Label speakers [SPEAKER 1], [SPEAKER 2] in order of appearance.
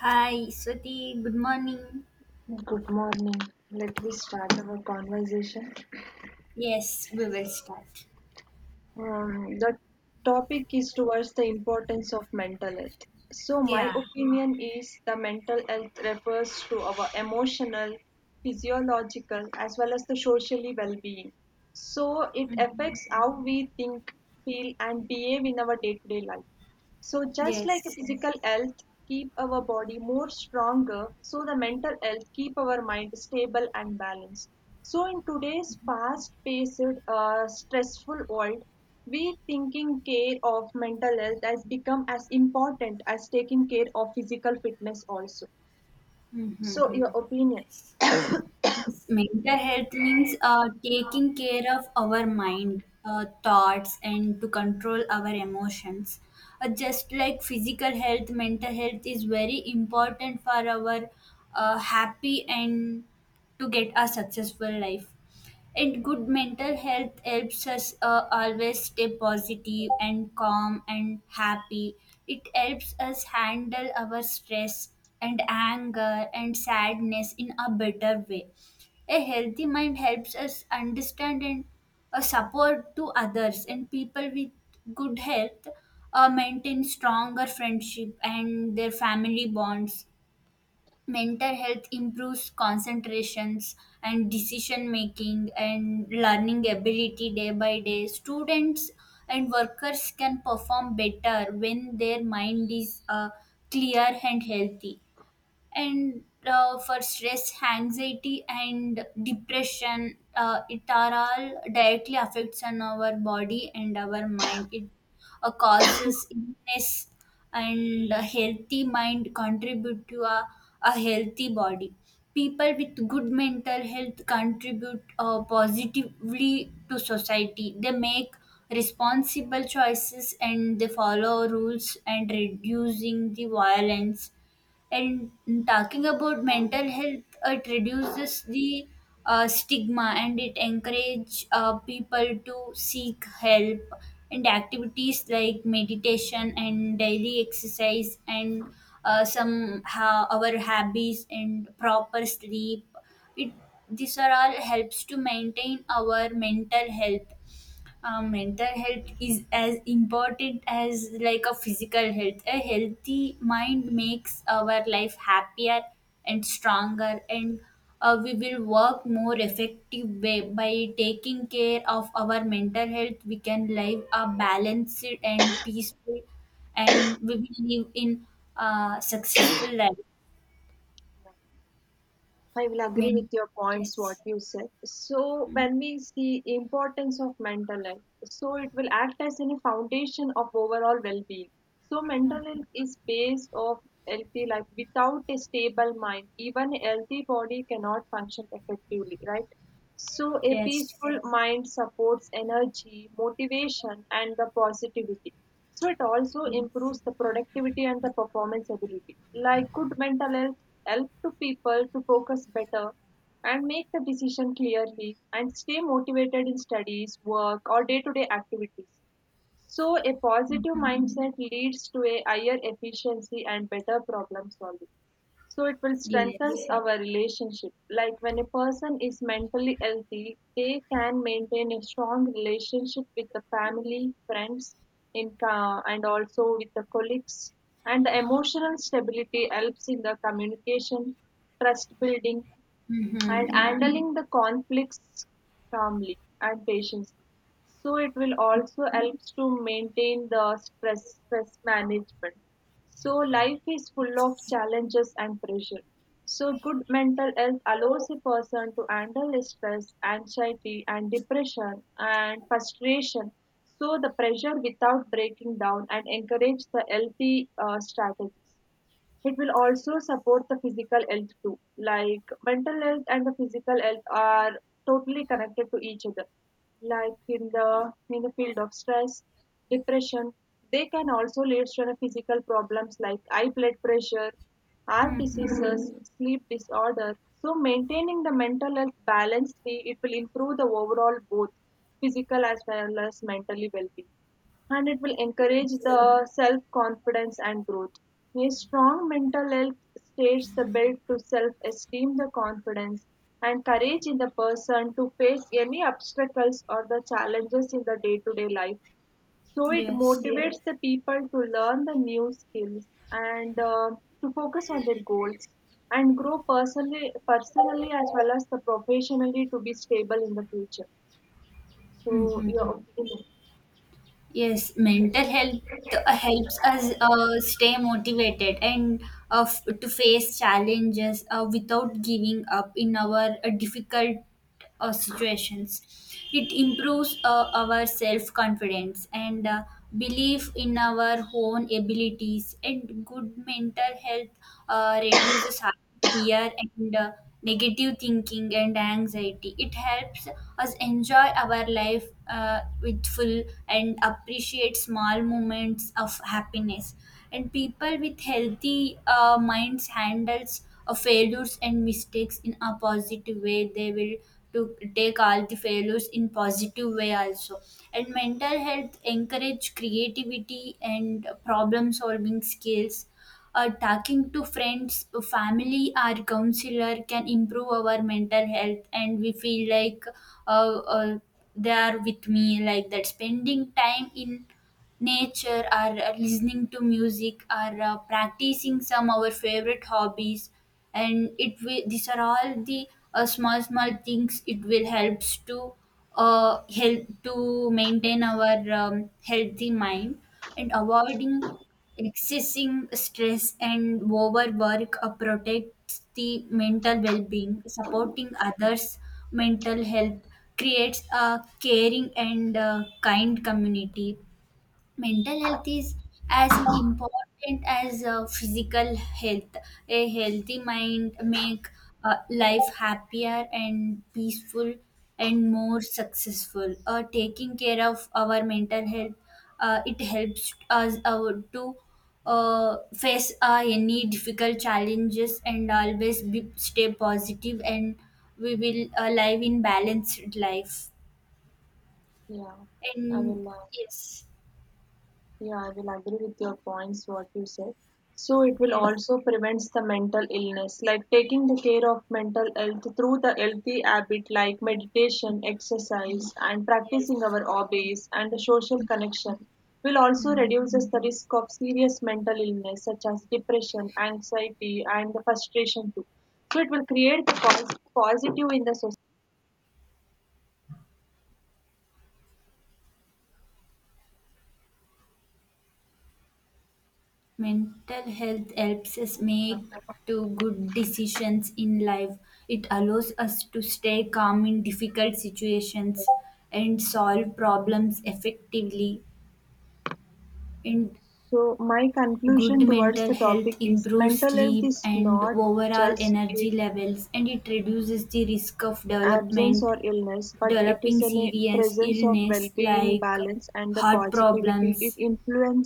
[SPEAKER 1] Hi, Swati. Good morning.
[SPEAKER 2] Good morning. Let me start our conversation.
[SPEAKER 1] Yes, we will start.
[SPEAKER 2] The topic is towards the importance of mental health. So, my
[SPEAKER 1] Yeah.
[SPEAKER 2] opinion is the mental health refers to our emotional, physiological, as well as the socially well being. So, it
[SPEAKER 1] Mhm.
[SPEAKER 2] affects how we think, feel, and behave in our day to day life. So just like
[SPEAKER 1] Yes.
[SPEAKER 2] physical health keep our body more stronger, so the mental health keep our mind stable and balanced. So in today's fast-paced, stressful world, we thinking care of mental health has become as important as taking care of physical fitness also. So your
[SPEAKER 1] Mhm.
[SPEAKER 2] opinion?
[SPEAKER 1] Yes. Mental health means taking care of our mind, thoughts, and to control our emotions. Just like physical health, mental health is very important for our happy and to get a successful life. And good mental health helps us always stay positive and calm and happy. It helps us handle our stress and anger and sadness in a better way. A healthy mind helps us understand and support to others, and people with good health maintain stronger friendship and their family bonds. Mental health improves concentrations and decision making and learning ability day by day. Students and workers can perform better when their mind is clear and healthy. And for stress anxiety and depression, it are all directly affects on our body and our mind. It causes illness, and a healthy mind contribute to a healthy body. People with good mental health contribute positively to society. They make responsible choices and they follow rules and reducing the violence. And talking about mental health, it reduces the stigma and it encourage people to seek help. And activities like meditation and daily exercise and our hobbies and proper sleep, it these are all helps to maintain our mental health. Mental health is as important as like a physical health. A healthy mind makes our life happier and stronger, and we will work more effective way. By taking care of our mental health, we can live a balanced and peaceful, and we will live in a successful life.
[SPEAKER 2] I will
[SPEAKER 1] I
[SPEAKER 2] agree with
[SPEAKER 1] mean,
[SPEAKER 2] your points, what
[SPEAKER 1] yes.
[SPEAKER 2] you said. So,
[SPEAKER 1] Mm.
[SPEAKER 2] when we see importance of mental health, so it will act as any foundation of overall well-being. So, mental health is base of healthy life. Without a stable mind, even a healthy body cannot function effectively, right? So a
[SPEAKER 1] Yes.
[SPEAKER 2] peaceful mind supports energy, motivation, and the positivity. So it also
[SPEAKER 1] Yes.
[SPEAKER 2] improves the productivity and the performance ability. Like good mental health help to people to focus better and make the decision clearly and stay motivated in studies, work, or day-to-day activities. So a positive
[SPEAKER 1] Mhm.
[SPEAKER 2] mindset leads to a higher efficiency and better problem solving. So it will strengthen
[SPEAKER 1] Yes.
[SPEAKER 2] our relationship. Like when a person is mentally healthy, they can maintain a strong relationship with the family, friends, and also with the colleagues. And the emotional stability helps in the communication, trust building,
[SPEAKER 1] Mm-hmm.
[SPEAKER 2] and handling the conflicts calmly and patiently. So it will also helps to maintain the stress management. So life is full of challenges and pressure. So good mental health allows a person to handle the stress, anxiety, and depression and frustration. So the pressure without breaking down and encourage the healthy strategies. It will also support the physical health too. Like mental health and the physical health are totally connected to each other. Like in the field of stress, depression, they can also lead to the physical problems like high blood pressure, heart
[SPEAKER 1] Mm-hmm.
[SPEAKER 2] diseases, sleep disorder. So maintaining the mental health balancedly, it will improve the overall both physical as well as mentally well-being, and it will encourage the self confidence and growth. A strong mental health states the build to self esteem, the confidence, and courage in the person to face any obstacles or the challenges in the day to day life. So it
[SPEAKER 1] Yes.
[SPEAKER 2] motivates the people to learn the new skills and to focus on their goals and grow personally, personally as well as the professionally to be stable in the future. So your
[SPEAKER 1] Mm-hmm.
[SPEAKER 2] opinion?
[SPEAKER 1] Yes, mental health helps us stay motivated and to face challenges without giving up in our difficult situations. It improves our self confidence and belief in our own abilities. And good mental health reduces fear and negative thinking and anxiety. It helps us enjoy our life with full and appreciate small moments of happiness. And people with healthy minds handles failures and mistakes in a positive way. They will to take all the failures in positive way also. And mental health encourage creativity and problem solving skills. Talking to friends family or counselor can improve our mental health, and we feel like uh, uh, they are with me like that. Spending time in nature or listening to music or practicing some our favorite hobbies, and it will these are all the small small things. It will helps to help to maintain our healthy mind. And avoiding excessing stress and overwork protects the mental well-being. Supporting others mental health creates a caring and kind community. Mental health is as important as physical health. A healthy mind make life happier and peaceful and more successful. Taking care of our mental health, it helps us to face any difficult challenges and always stay positive, and we will live in balanced life
[SPEAKER 2] Yeah, I
[SPEAKER 1] and
[SPEAKER 2] will. Uh,
[SPEAKER 1] yes.
[SPEAKER 2] Yeah, I will agree with your points, what you said. So it will
[SPEAKER 1] Yes.
[SPEAKER 2] also prevents the mental illness, like taking the care of mental health through the healthy habit like meditation, exercise, and
[SPEAKER 1] Yes.
[SPEAKER 2] practicing our hobbies and the social connection will also
[SPEAKER 1] Mm.
[SPEAKER 2] reduces the risk of serious mental illness such as depression, anxiety, and the frustration too. So it will create the positive in the society.
[SPEAKER 1] Mental health helps us make to good decisions in life. It allows us to stay calm in difficult situations and solve problems effectively. And
[SPEAKER 2] So my
[SPEAKER 1] good
[SPEAKER 2] conclusion towards
[SPEAKER 1] mental
[SPEAKER 2] the
[SPEAKER 1] health
[SPEAKER 2] topic is
[SPEAKER 1] improves
[SPEAKER 2] mental health
[SPEAKER 1] sleep
[SPEAKER 2] is
[SPEAKER 1] and
[SPEAKER 2] not
[SPEAKER 1] overall
[SPEAKER 2] just a
[SPEAKER 1] energy levels, and it reduces the risk of
[SPEAKER 2] absence
[SPEAKER 1] development
[SPEAKER 2] or illness, but it
[SPEAKER 1] developing
[SPEAKER 2] is a
[SPEAKER 1] serious
[SPEAKER 2] presence of
[SPEAKER 1] illness
[SPEAKER 2] well-being,
[SPEAKER 1] like
[SPEAKER 2] balance, and the
[SPEAKER 1] heart
[SPEAKER 2] positivity it
[SPEAKER 1] problems
[SPEAKER 2] influences.